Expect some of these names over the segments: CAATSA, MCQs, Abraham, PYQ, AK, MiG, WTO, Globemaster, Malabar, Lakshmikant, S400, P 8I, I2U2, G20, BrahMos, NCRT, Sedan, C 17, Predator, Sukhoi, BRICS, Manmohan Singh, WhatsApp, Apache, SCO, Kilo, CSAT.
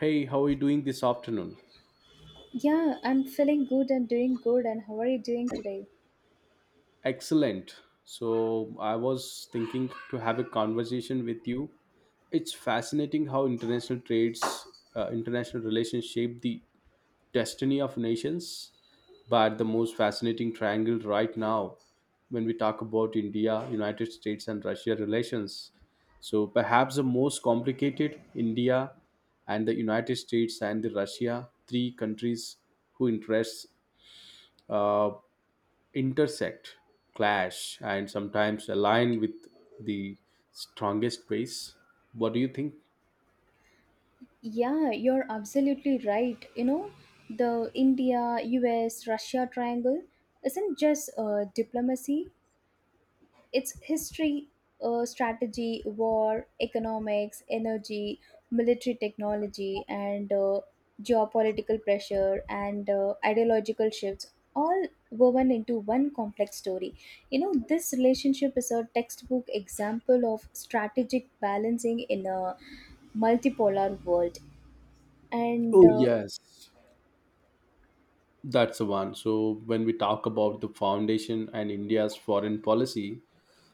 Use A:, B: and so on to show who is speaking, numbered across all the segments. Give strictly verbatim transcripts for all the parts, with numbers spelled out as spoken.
A: Hey, how are you doing this afternoon?
B: Yeah, I'm feeling good and doing good. And how are you doing today?
A: Excellent. So, I was thinking to have a conversation with you. It's fascinating how international trades, uh, international relations shape the destiny of nations. But the most fascinating triangle right now, when we talk about India, United States, and Russia relations, so perhaps the most complicated India and the United States and the Russia, three countries who interests uh, intersect, clash, and sometimes align with the strongest ways. What do you think?
B: Yeah, you're absolutely right. You know, the India U S Russia triangle isn't just uh, diplomacy. It's history, uh, strategy, war, economics, energy, military technology, and uh, geopolitical pressure and uh, ideological shifts, all woven into one complex story. You know, this relationship is a textbook example of strategic balancing in a multipolar world. And
A: Oh,
B: uh,
A: yes. That's the one. So, when we talk about the foundation and India's foreign policy,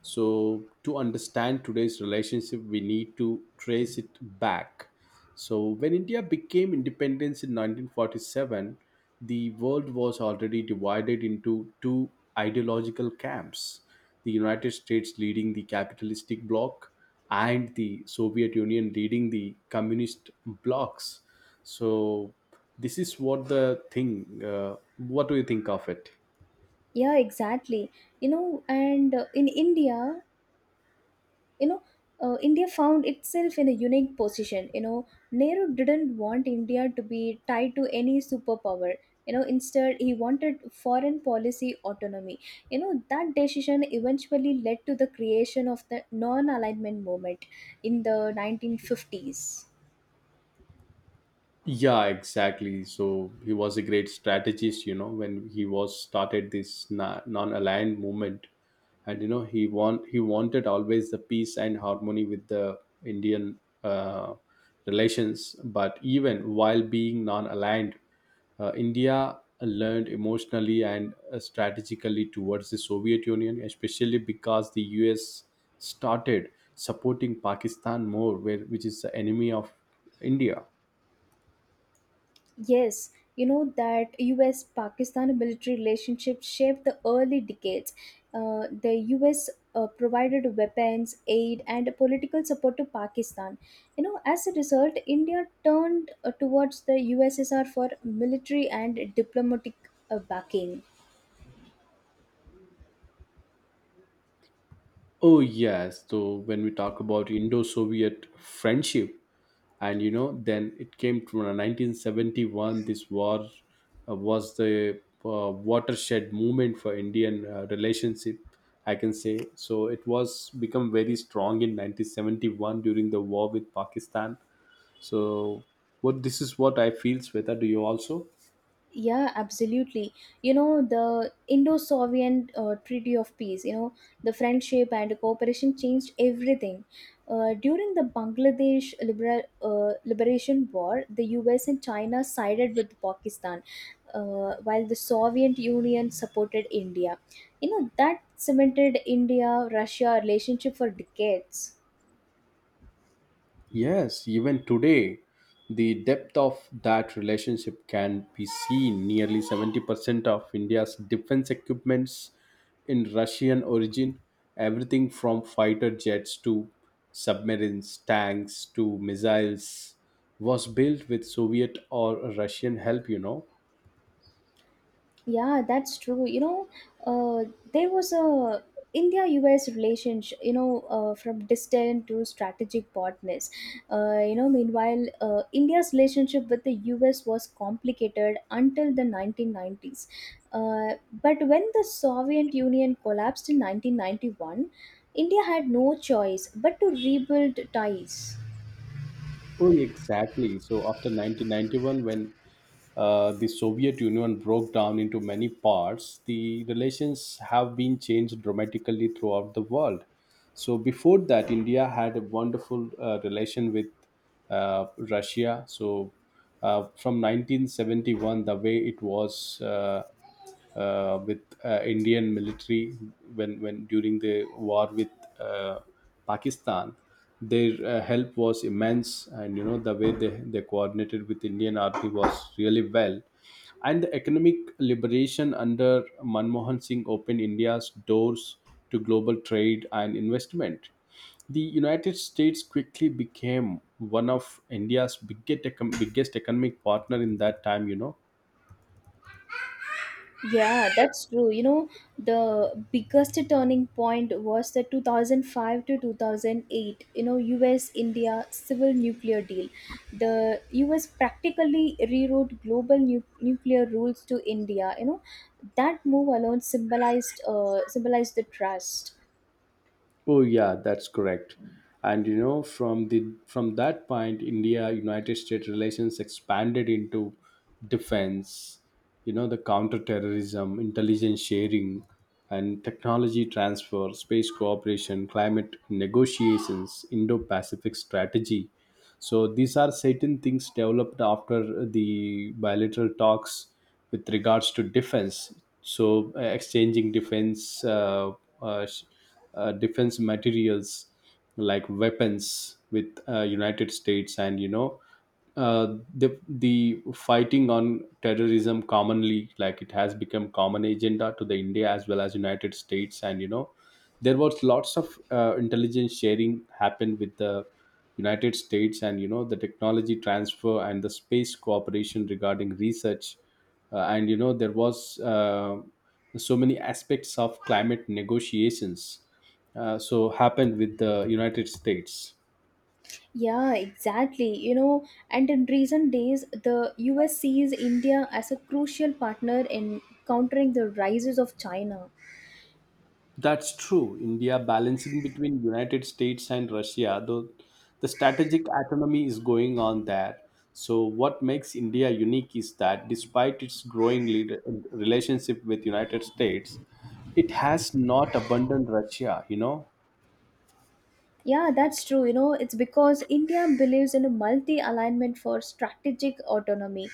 A: so to understand today's relationship we need to trace it back. So when India became independence in nineteen forty-seven, the world was already divided into two ideological camps, the United States leading the capitalistic bloc and the Soviet Union leading the communist blocs. So this is what the thing uh, What do you think of it?
B: Yeah, exactly. You know, and uh, In India, you know uh, India found itself in a unique position. You know nehru didn't want India to be tied to any superpower. You know instead, he wanted foreign policy autonomy. You know that decision eventually led to the creation of the non alignment movement in the nineteen fifties.
A: Yeah, exactly. So he was a great strategist, you know, when he was started this na- non-aligned movement, and you know he want he wanted always the peace and harmony with the Indian uh, relations. But even while being non-aligned, uh, India learned emotionally and uh, strategically towards the Soviet Union, especially because the U S started supporting Pakistan more, where which is the enemy of India.
B: Yes, you know that U S Pakistan military relationship shaped the early decades. Uh, the U S uh, provided weapons, aid, and political support to Pakistan. You know, as a result, India turned uh, towards the U S S R for military and diplomatic uh, backing.
A: Oh yes, so when we talk about Indo-Soviet friendship, and you know, then it came to nineteen seventy-one. This war uh, was the uh, watershed moment for Indian uh, relationship. I can say so. It was become very strong in nineteen seventy-one during the war with Pakistan. So, what this is what I feel, Sweta. Do you also?
B: Yeah, absolutely. You know, the Indo Soviet uh, Treaty of Peace, you know, the friendship and cooperation changed everything. Uh, during the Bangladesh libera- uh, Liberation War, the U S and China sided with Pakistan, uh, while the Soviet Union supported India. You know, that cemented India Russia relationship for decades.
A: Yes, even today, the depth of that relationship can be seen. Nearly seventy percent of India's defense equipments in Russian origin, everything from fighter jets to submarines, tanks to missiles, was built with Soviet or Russian help, you know.
B: Yeah, that's true. You know, uh, there was a India-U S relationship. You know, uh, from distant to strategic partners. Uh, you know, meanwhile, uh, India's relationship with the U S was complicated until the nineteen nineties. Uh, but when the Soviet Union collapsed in nineteen ninety-one, India had no choice but to rebuild ties.
A: Oh, exactly. So after nineteen ninety-one, when uh, the Soviet Union broke down into many parts, the relations have been changed dramatically throughout the world. So before that, India had a wonderful uh, relation with uh, Russia. So uh, from nineteen seventy-one, the way it was. Uh, uh, with uh, Indian military when when during the war with uh, Pakistan. Their uh, help was immense, and you know the way they, they coordinated with Indian army was really well. And the economic liberation under Manmohan Singh opened India's doors to global trade and investment. The United States quickly became one of India's biggest econ- biggest economic partner in that time, you know.
B: Yeah, that's true. You know, the biggest turning point was the two thousand five to two thousand eight, you know, U S India civil nuclear deal. The U S practically rewrote global nu- nuclear rules to India, you know. That move alone symbolized uh, symbolized the trust.
A: Oh yeah, that's correct. And you know, from the from that point, India United States relations expanded into defense, you know, the counterterrorism, intelligence sharing, and technology transfer, space cooperation, climate negotiations, Indo-Pacific strategy. So these are certain things developed after the bilateral talks with regards to defense. So uh, exchanging defense uh, uh, sh- uh, defense materials like weapons with uh, United States, and you know uh, the the fighting on terrorism commonly like it has become common agenda to the India as well as United States. And you know there was lots of uh, intelligence sharing happened with the United States, and you know the technology transfer and the space cooperation regarding research uh, and you know there was uh, so many aspects of climate negotiations uh, so happened with the United States.
B: Yeah, exactly. You know, and in recent days, the U S sees India as a crucial partner in countering the rises of China.
A: That's true. India balancing between United States and Russia, though the strategic autonomy is going on there. So what makes India unique is that despite its growing leader, relationship with United States, it has not abandoned Russia, you know.
B: Yeah, that's true. You know, it's because India believes in a multi alignment for strategic autonomy,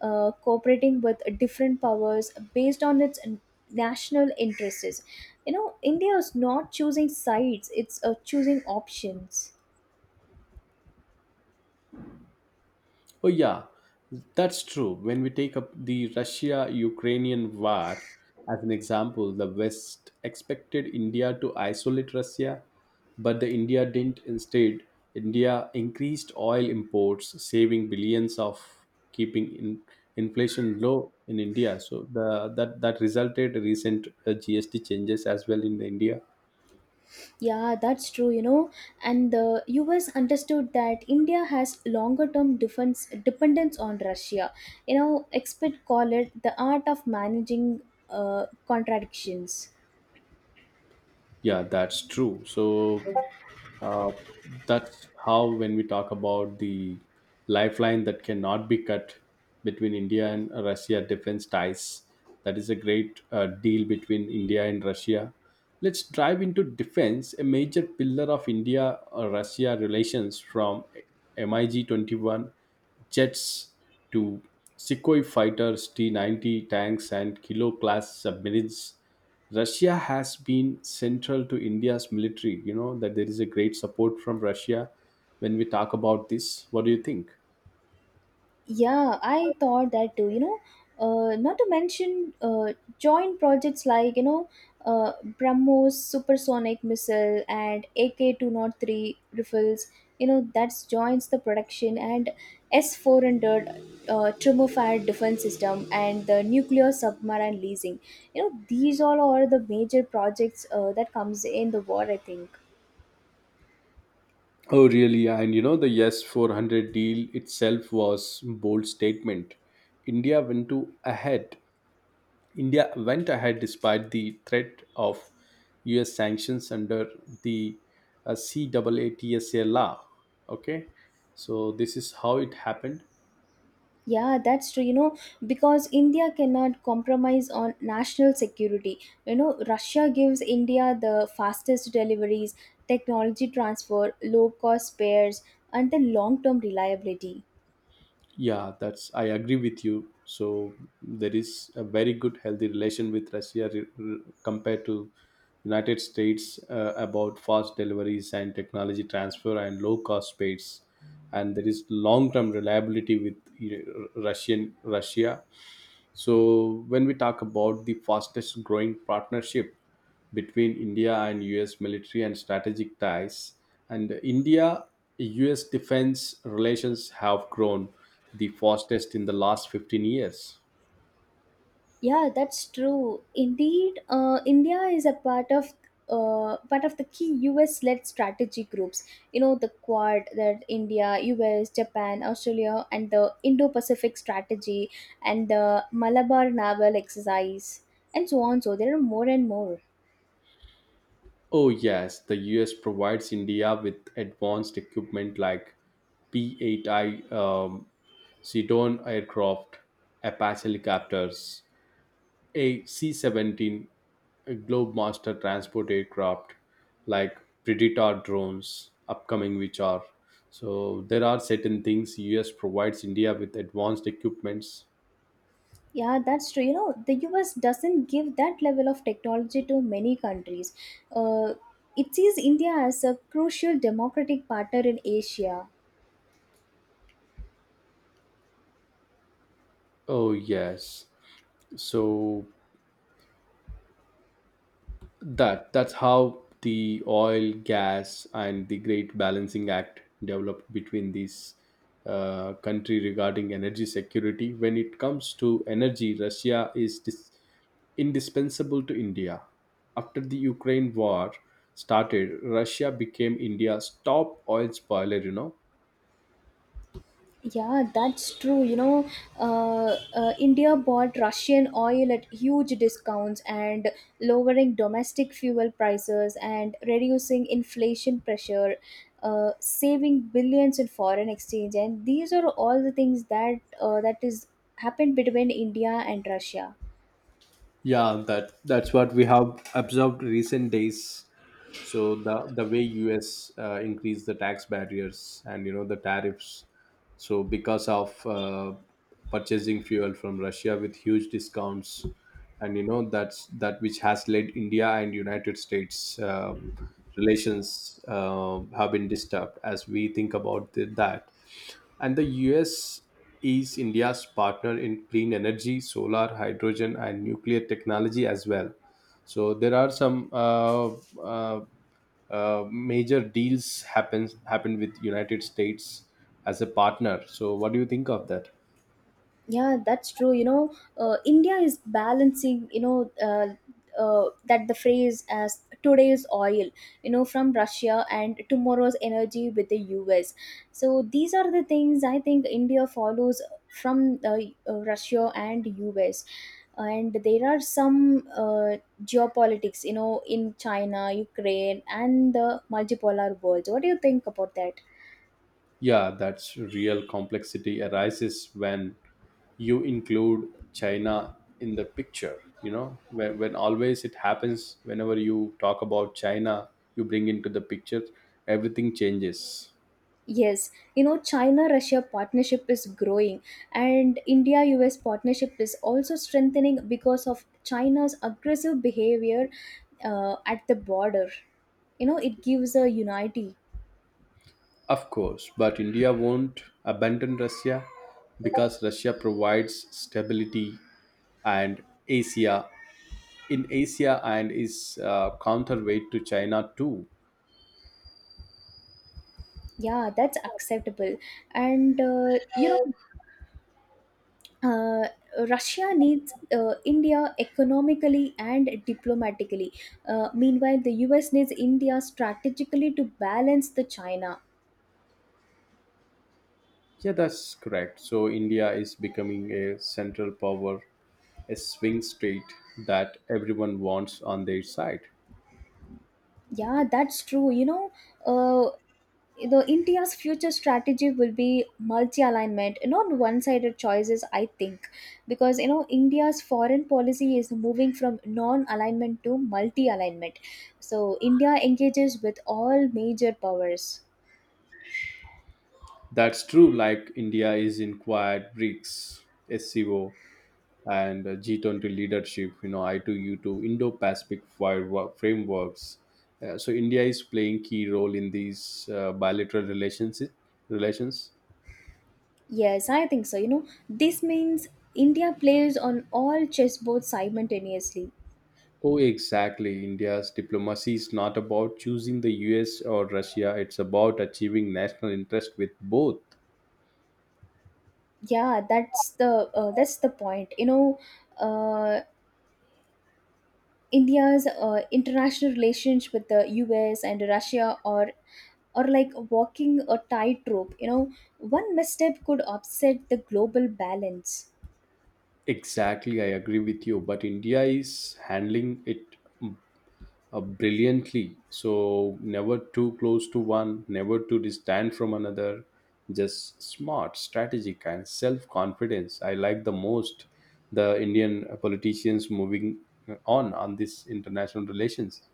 B: uh, cooperating with different powers based on its n- national interests. You know, India is not choosing sides, it's uh, choosing options.
A: Oh, yeah, that's true. When we take up the Russia Ukrainian war as an example, the West expected India to isolate Russia, but the India didn't. Instead, India increased oil imports, saving billions of keeping in, inflation low in India. So the, that, that resulted recent uh, G S T changes as well in India.
B: Yeah, that's true, you know. And the U S understood that India has longer term defense dependence on Russia. You know, experts call it the art of managing uh, contradictions.
A: Yeah, that's true. So Uh, that's how when we talk about the lifeline that cannot be cut between India and Russia defense ties. That is a great uh, deal between India and Russia. Let's dive into defense, a major pillar of India uh, Russia relations, from MiG twenty-one jets to Sukhoi fighters, T ninety tanks, and Kilo class submarines. Russia has been central to India's military. You know that there is a great support from Russia when we talk about this. What do you think?
B: Yeah, I thought that too. You know, uh, not to mention uh, joint projects like you know, uh, BrahMos supersonic missile and A K two hundred three rifles. You know, that's joins the production and S four hundred uh, thermofired defense system and the nuclear submarine leasing. You know, these all are the major projects uh, that comes in the war, I think.
A: Oh, really? And you know, the Yes four hundred deal itself was bold statement. India went to ahead. India went ahead despite the threat of U S sanctions under the uh, C A A T S A law. Okay, so this is how it happened.
B: Yeah, that's true. You know, because India cannot compromise on national security. You know, Russia gives India the fastest deliveries, technology transfer, low cost spares, and the long term reliability.
A: Yeah, that's I agree with you. So there is a very good healthy relation with Russia re- re- compared to United States uh, about fast deliveries and technology transfer and low cost space, and there is long term reliability with, you know, Russian Russia. So when we talk about the fastest growing partnership between India and U S military and strategic ties, and India U S defense relations have grown the fastest in the last fifteen years.
B: Yeah, that's true. Indeed, uh, India is a part of uh, part of the key U S-led strategy groups. You know, the Quad, that India, U S, Japan, Australia, and the Indo-Pacific strategy, and the Malabar Naval Exercise, and so on. So there are more and more.
A: Oh, yes, the U S provides India with advanced equipment like P eight I um, Sedan aircraft, Apache helicopters, a C seventeen Globemaster transport aircraft, like Predator drones, upcoming which are. So there are certain things U S provides India with advanced equipments.
B: Yeah, that's true. You know, the U S doesn't give that level of technology to many countries. Uh, it sees India as a crucial democratic partner in Asia.
A: Oh yes. So that that's how the oil gas and the great balancing act developed between these uh, country regarding energy security. When it comes to energy, Russia is dis- indispensable to India. After the Ukraine war started, Russia became India's top oil spoiler, you know.
B: Yeah, that's true. You know, uh, uh, India bought Russian oil at huge discounts and lowering domestic fuel prices and reducing inflation pressure, uh, saving billions in foreign exchange. And these are all the things that uh, that is happened between India and Russia.
A: Yeah, that that's what we have observed recent days. So the the way U S uh, increased the tax barriers and you know the tariffs, so because of uh, purchasing fuel from Russia with huge discounts, and you know that's that which has led India and United States uh, relations uh, have been disturbed as we think about the, that. And the U S is India's partner in clean energy, solar, hydrogen, and nuclear technology as well. So there are some uh, uh, uh, major deals happens happen with United States as a partner. So what do you think of that?
B: Yeah, that's true, you know. Uh, india is balancing, you know, uh, uh, that the phrase as today's oil, you know, from Russia and tomorrow's energy with the US. So these are the things I think India follows from uh, uh, Russia and US. And there are some uh, geopolitics, you know, in China, Ukraine, and the multipolar world. What do you think about that?
A: Yeah, that's real complexity arises when you include China in the picture. You know, when, when always it happens, whenever you talk about China, you bring into the picture, everything changes.
B: Yes, you know, China Russia partnership is growing, and India U S partnership is also strengthening because of China's aggressive behavior uh, at the border. You know, it gives a unity.
A: Of course, but India won't abandon Russia because Russia provides stability and Asia in Asia and is uh, counterweight to China too.
B: Yeah, that's acceptable. And, uh, you know, uh, Russia needs uh, India economically and diplomatically. Uh, meanwhile, the U S needs India strategically to balance the China.
A: Yeah, that's correct. So India is becoming a central power, a swing state that everyone wants on their side.
B: Yeah, that's true. You know, uh, the India's future strategy will be multi alignment, not one sided choices, I think. Because you know, India's foreign policy is moving from non alignment to multi alignment. So India engages with all major powers.
A: That's true, like India is in quiet BRICS, S C O, and uh, G twenty leadership, you know, I two U two, Indo Pacific frameworks. Uh, so India is playing key role in these uh, bilateral relations. Relations.
B: Yes, I think so. You know, this means India plays on all chessboards simultaneously.
A: Oh, exactly. India's diplomacy is not about choosing the U S or Russia, it's about achieving national interest with both.
B: Yeah, that's the uh, that's the point you know, uh, India's uh, international relations with the US and Russia are, or like walking a tightrope. You know, one misstep could upset the global balance.
A: Exactly, I agree with you. But India is handling it mm, uh, brilliantly. So never too close to one, never too distant from another. Just smart, strategic, and self confidence. I like the most the Indian politicians moving uh, on on this international relations.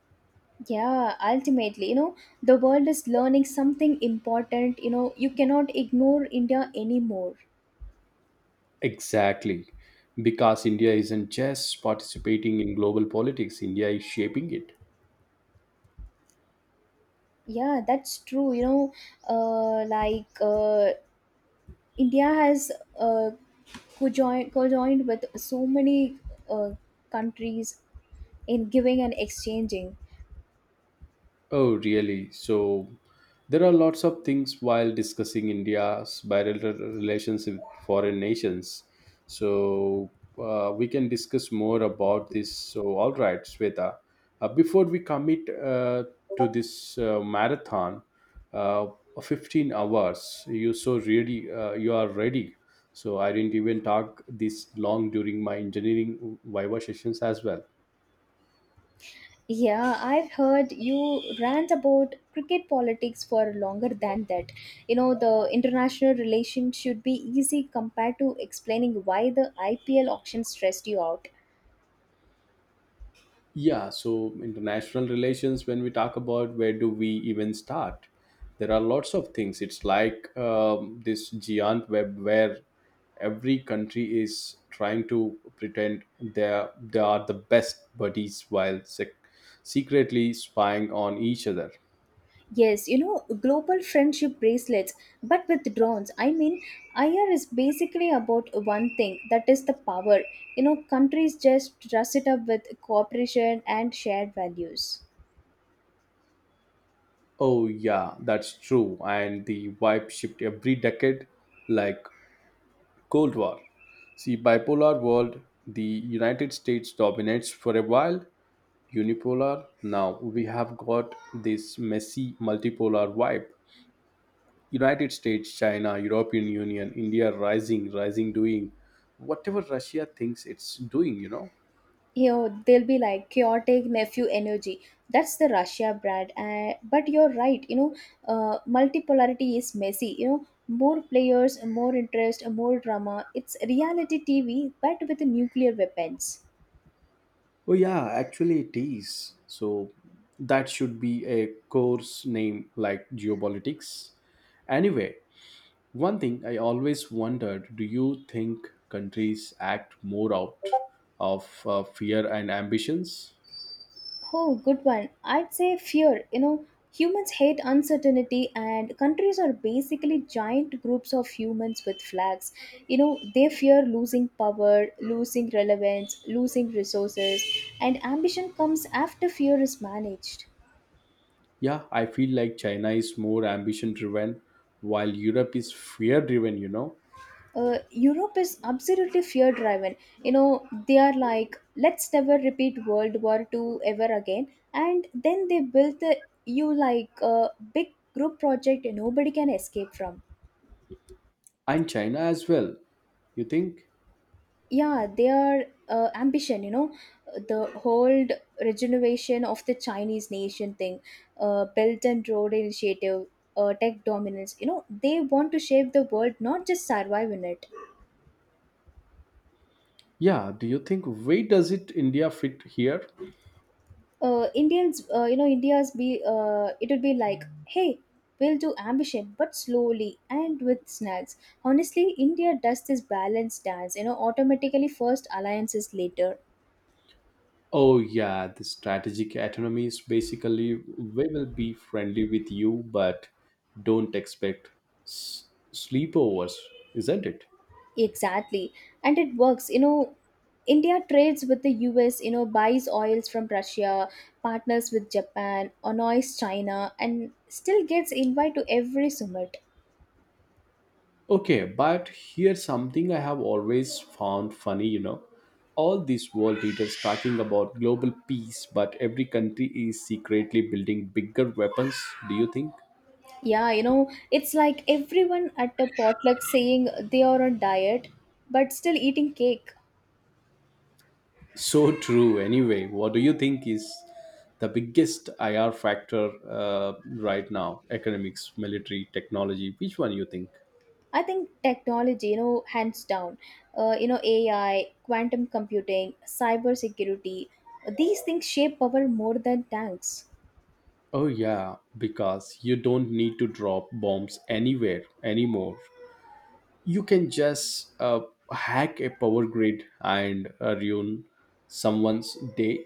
B: Yeah, ultimately, you know, the world is learning something important. You know, you cannot ignore India anymore.
A: Exactly, because India isn't just participating in global politics. India is shaping it.
B: Yeah, that's true. You know, uh, like uh, India has uh, co-joined, co-joined with so many uh, countries in giving and exchanging.
A: Oh, really? So there are lots of things while discussing India's bilateral relations with foreign nations. So uh, we can discuss more about this. So, all right, Sweta. Uh, before we commit uh, to this uh, marathon, uh, fifteen hours, you so really uh, you are ready. So I didn't even talk this long during my engineering Viva sessions as well.
B: Yeah, I've heard you rant about cricket politics for longer than that. You know, the international relation should be easy compared to explaining why the I P L auction stressed you out.
A: Yeah, so international relations, when we talk about where do we even start, there are lots of things. It's like um, this giant web where every country is trying to pretend they they are the best buddies while sec- secretly spying on each other.
B: Yes, you know, global friendship bracelets, but with drones. I mean, I R is basically about one thing, that is the power. You know, countries just dress it up with cooperation and shared values.
A: Oh yeah, that's true. And the vibe shift every decade, like Cold War. See, bipolar world, the United States dominates for a while, unipolar. Now we have got this messy multipolar vibe. United States, China, European Union, India rising, rising doing whatever Russia thinks it's doing, you know.
B: You know, they'll be like chaotic nephew energy. That's the Russia brand. Uh, but you're right. You know, uh, multipolarity is messy. You know, more players, more interest, more drama. It's reality tv, but with nuclear weapons.
A: Oh yeah, actually it is. So that should be a course name like geopolitics. Anyway, one thing I always wondered, do you think countries act more out of uh, fear and ambitions?
B: Oh, good one. I'd say fear. You know, humans hate uncertainty, and countries are basically giant groups of humans with flags. You know, they fear losing power, losing relevance, losing resources, and ambition comes after fear is managed.
A: Yeah, I feel like China is more ambition driven while Europe is fear driven, you know.
B: Uh, Europe is absolutely fear driven. You know, they are like, let's never repeat World War Two ever again. And then they built the E U like a big group project nobody can escape from.
A: And China as well. You think?
B: Yeah, their uh, ambition, you know, the whole regeneration of the Chinese nation thing, uh, belt and road initiative, uh, tech dominance. You know, they want to shape the world, not just survive in it.
A: Yeah, do you think where does it India fit here?
B: Uh, indians uh, you know india's be uh, It would be like, hey, we'll do ambition but slowly and with snags. Honestly, India does this balance dance. You know, automatically first, alliances later.
A: Oh yeah, the strategic autonomy is basically we will be friendly with you but don't expect s- sleepovers, isn't it?
B: Exactly. And it works. You know, India trades with the U S, you know, buys oils from Russia, partners with Japan, annoys China, and still gets invite to every summit.
A: Okay, but here's something I have always found funny, you know. All these world leaders talking about global peace, but every country is secretly building bigger weapons, do you think?
B: Yeah, you know, it's like everyone at a potluck saying they are on diet, but still eating cake.
A: So true, anyway. What do you think is the biggest I R factor uh, right now? Economics, military, technology, which one you think?
B: I think technology, you know, hands down, uh, you know, A I, quantum computing, cyber security, these things shape power more than tanks.
A: Oh, yeah, because you don't need to drop bombs anywhere anymore. You can just uh, hack a power grid and uh, ruin someone's day.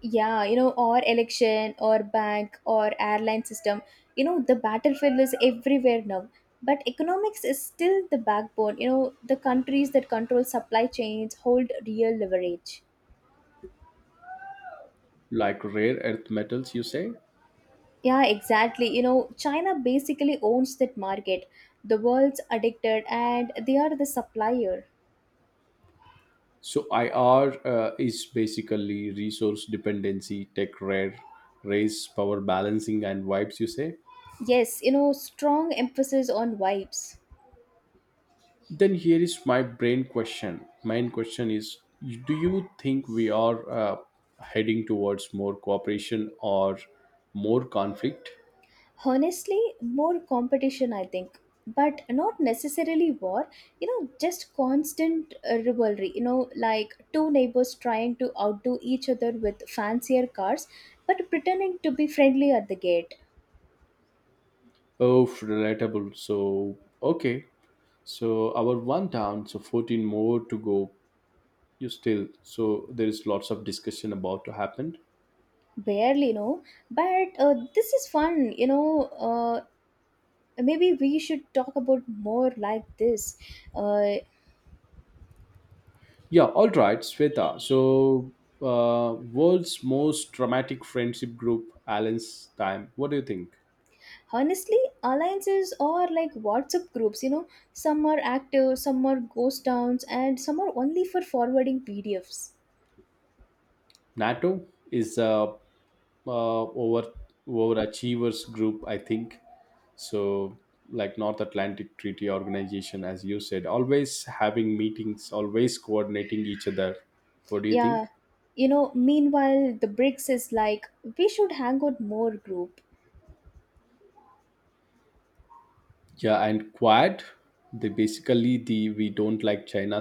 B: Yeah, you know, or election or bank or airline system. You know, the battlefield is everywhere now. But economics is still the backbone. You know, the countries that control supply chains hold real leverage.
A: Like rare earth metals, you say.
B: Yeah, exactly. You know, China basically owns that market. The world's addicted and they are the supplier.
A: So IR uh, is basically resource dependency, tech rare race, power balancing, and vibes, you say.
B: Yes, you know, strong emphasis on vibes.
A: Then here is my brain question main question is, do you think we are uh, heading towards more cooperation or more conflict?
B: Honestly, more competition, I think, but not necessarily war, you know, just constant uh, rivalry, you know, like two neighbors trying to outdo each other with fancier cars, but pretending to be friendly at the gate.
A: Oh, relatable. So okay. So our one down, so fourteen more to go. You still, so there is lots of discussion about to happen.
B: Barely, you know, but uh, this is fun, you know. Uh, maybe we should talk about more like this. Uh,
A: Yeah, all right, Sweta. So uh, world's most dramatic friendship group, Allen's time. What do you think?
B: Honestly, alliances are like WhatsApp groups. You know, some are active, some are ghost towns, and some are only for forwarding pdfs.
A: NATO is a uh, over overachievers group, I think. So like North Atlantic Treaty Organization, as you said, always having meetings, always coordinating each other. What do you
B: Yeah,
A: think?
B: you know, meanwhile the BRICS is like, we should hang out more group.
A: Yeah, and Quad, they basically the we don't like China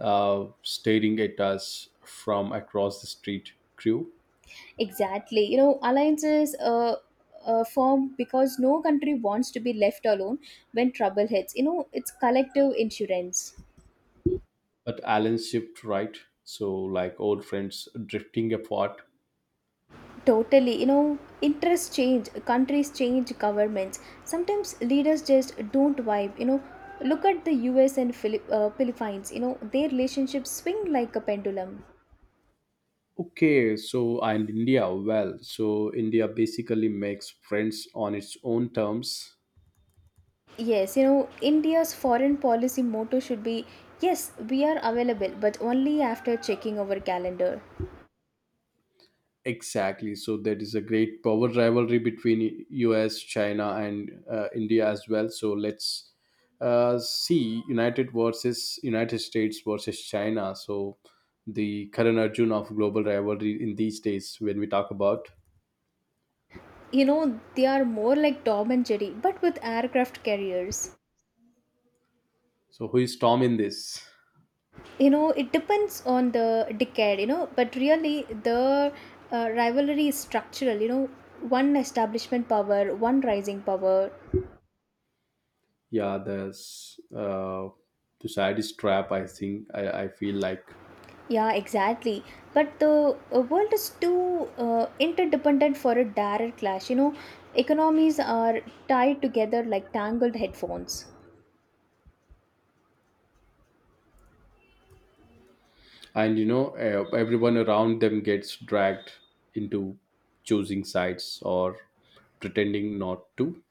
A: uh, staring at us from across the street crew.
B: Exactly, you know, alliances uh, uh form because no country wants to be left alone when trouble hits. You know, it's collective insurance.
A: But Alan shipped right, so like old friends drifting apart.
B: Totally, you know, interests change, countries change governments. Sometimes leaders just don't vibe, you know. Look at the U S and Philip, uh, Philippines, you know, their relationships swing like a pendulum.
A: Okay, so and India, well, so India basically makes friends on its own terms.
B: Yes, you know, India's foreign policy motto should be, yes, we are available, but only after checking our calendar.
A: Exactly. So there is a great power rivalry between U S, China, and uh, India as well. So let's uh, see United versus United States versus China. So the current Arjun of global rivalry in these days when we talk about.
B: You know, they are more like Tom and Jerry, but with aircraft carriers.
A: So who is Tom in this?
B: You know, it depends on the decade, you know, but really the uh, rivalry is structural. You know, one establishment power, one rising power.
A: Yeah, there's uh, the saddest trap. I think I, I feel like,
B: Yeah, exactly. But the uh, world is too uh, interdependent for a direct clash. You know, economies are tied together like tangled headphones.
A: and you know, uh, everyone around them gets dragged into choosing sides or pretending not to.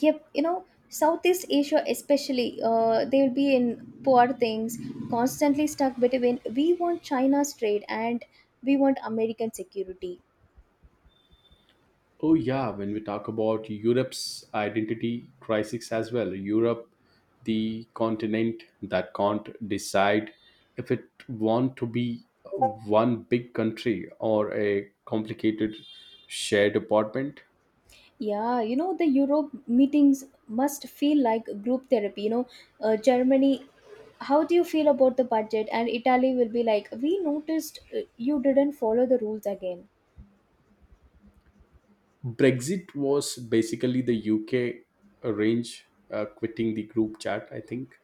B: Yep, you know, Southeast Asia especially, uh, they will be in poor things constantly stuck between we want China's trade and we want American security.
A: Oh yeah, when we talk about Europe's identity crisis as well, Europe, the continent that can't decide if it want to be one big country or a complicated shared apartment.
B: Yeah, you know, the Europe meetings must feel like group therapy. You know, uh, Germany, how do you feel about the budget? And Italy will be like, we noticed uh, you didn't follow the rules again.
A: Brexit was basically the UK arrange uh, quitting the group chat, I think.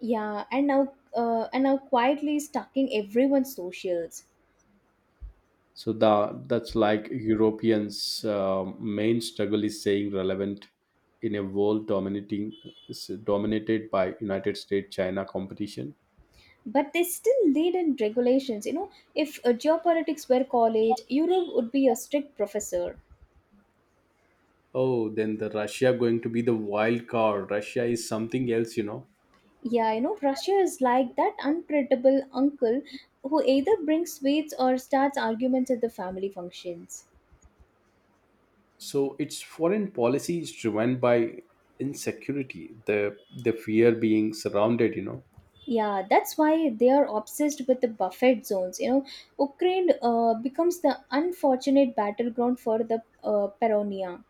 B: Yeah, and now, uh, and now quietly stacking everyone's socials.
A: So the, that's like Europeans' uh, main struggle is staying relevant in a world dominating dominated by United States China competition.
B: But they still lead in regulations. You know, if uh, geopolitics were college, Europe would be a strict professor.
A: Oh, then the Russia going to be the wild card. Russia is something else, you know.
B: Yeah, you know, Russia is like that unpredictable uncle who either brings sweets or starts arguments at the family functions.
A: So its foreign policy is driven by insecurity, the the fear being surrounded, you know.
B: Yeah, that's why they are obsessed with the buffet zones. You know, Ukraine uh, becomes the unfortunate battleground for the uh, Peronia.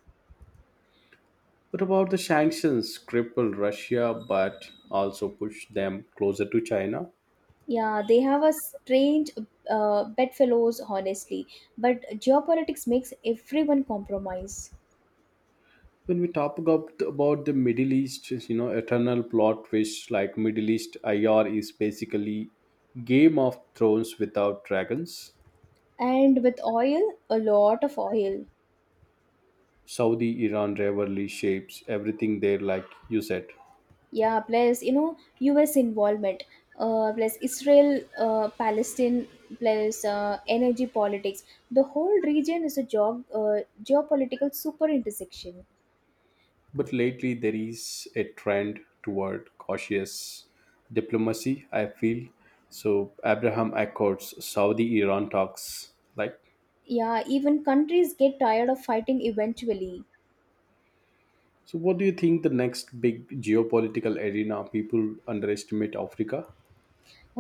A: What about the sanctions cripple Russia but also push them closer to China?
B: Yeah, they have a strange uh, bedfellows, honestly, but geopolitics makes everyone compromise.
A: When we talk about about the Middle East, you know, eternal plot twist, like Middle East IR is basically Game of Thrones without dragons.
B: And with oil, a lot of oil.
A: Saudi Iran rivalry shapes everything there, like you said.
B: Yeah, plus you know, US involvement, uh, plus Israel, uh, Palestine, plus uh, energy politics. The whole region is a geo- uh, geopolitical super intersection.
A: But lately there is a trend toward cautious diplomacy, I feel. So Abraham Accords, Saudi Iran talks, like.
B: Yeah, even countries get tired of fighting eventually.
A: So what do you think the next big geopolitical arena? People underestimate Africa.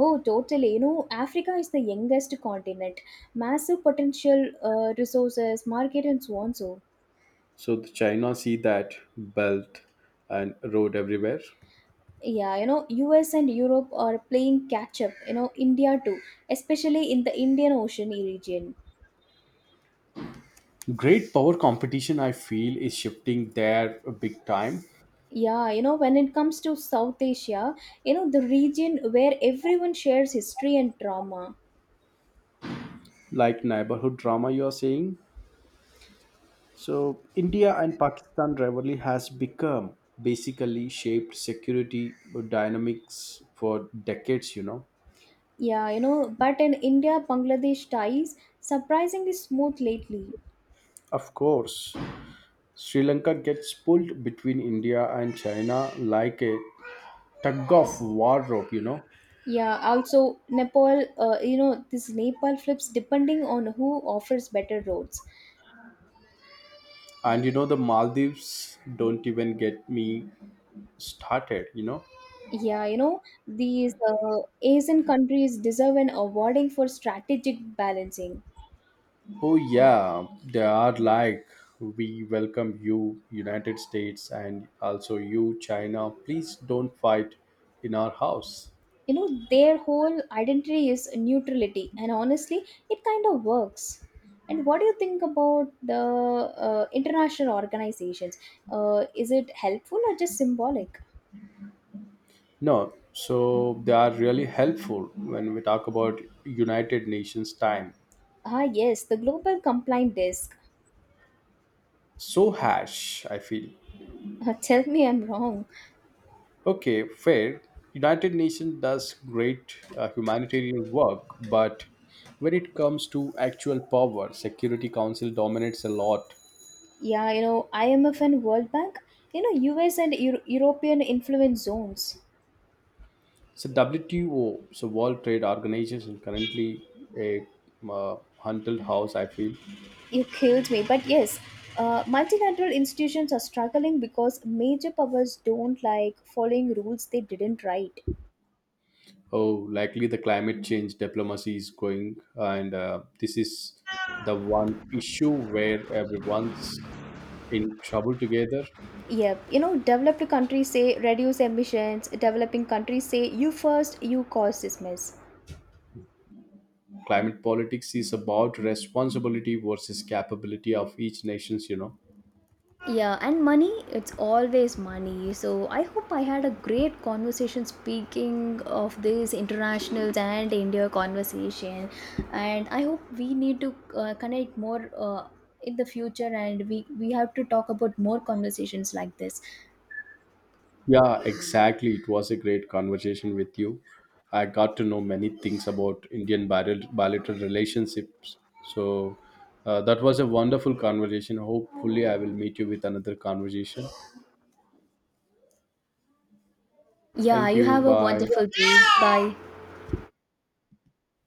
B: Oh, totally. You know, Africa is the youngest continent, massive potential, uh, resources, market, and so on so.
A: So the China see that belt and road everywhere.
B: Yeah, you know, US and Europe are playing catch up. You know, India too, especially in the Indian Ocean region.
A: Great power competition, I feel, is shifting there big time,
B: Yeah, you know, when it comes to South Asia, you know, the region where everyone shares history and trauma.
A: like neighborhood drama, you are saying. So India and Pakistan rivalry has become basically shaped security dynamics for decades, you know.
B: Yeah, you know, but in India Bangladesh ties surprisingly smooth lately.
A: Of course, Sri Lanka gets pulled between India and China like a tug of war rope, you know.
B: Yeah, also Nepal, uh, you know, this Nepal flips depending on who offers better roads.
A: And you know, the Maldives, don't even get me started, you know.
B: Yeah, you know, these uh, Asian countries deserve an awarding for strategic balancing.
A: Oh yeah, they are like, we welcome you United States, and also you China, please don't fight in our house.
B: You know, their whole identity is neutrality and honestly it kind of works. And what do you think about the uh, international organizations? Uh, is it helpful or just symbolic?
A: No, so they are really helpful when we talk about United Nations time.
B: Ah, yes, the global complaint desk.
A: So harsh, I feel.
B: Tell me I'm wrong.
A: Okay, fair. United Nations does great uh, humanitarian work, but when it comes to actual power, Security Council dominates a lot.
B: Yeah, you know, I M F and World Bank, you know, US and Euro- european influence zones.
A: So W T O, so World Trade Organization, currently a uh, hunted house, I feel.
B: You killed me, but yes, uh, multilateral institutions are struggling because major powers don't like following rules they didn't write.
A: Oh, likely the climate change diplomacy is going, and uh, this is the one issue where everyone's in trouble together.
B: Yep. You know, developed countries say reduce emissions, developing countries say you first, you cause this mess.
A: Climate politics is about responsibility versus capability of each nations, you know.
B: Yeah, and money, it's always money. So I hope I had a great conversation speaking of this internationals and India conversation. And I hope we need to uh, connect more uh, in the future and we, we have to talk about more conversations like this.
A: Yeah, exactly. It was a great conversation with you. I got to know many things about Indian bil- bilateral relationships. So uh, that was a wonderful conversation. Hopefully, I will meet you with another conversation.
B: Yeah,
A: Thank
B: you
A: you.
B: have a
A: Bye.
B: wonderful day. Bye.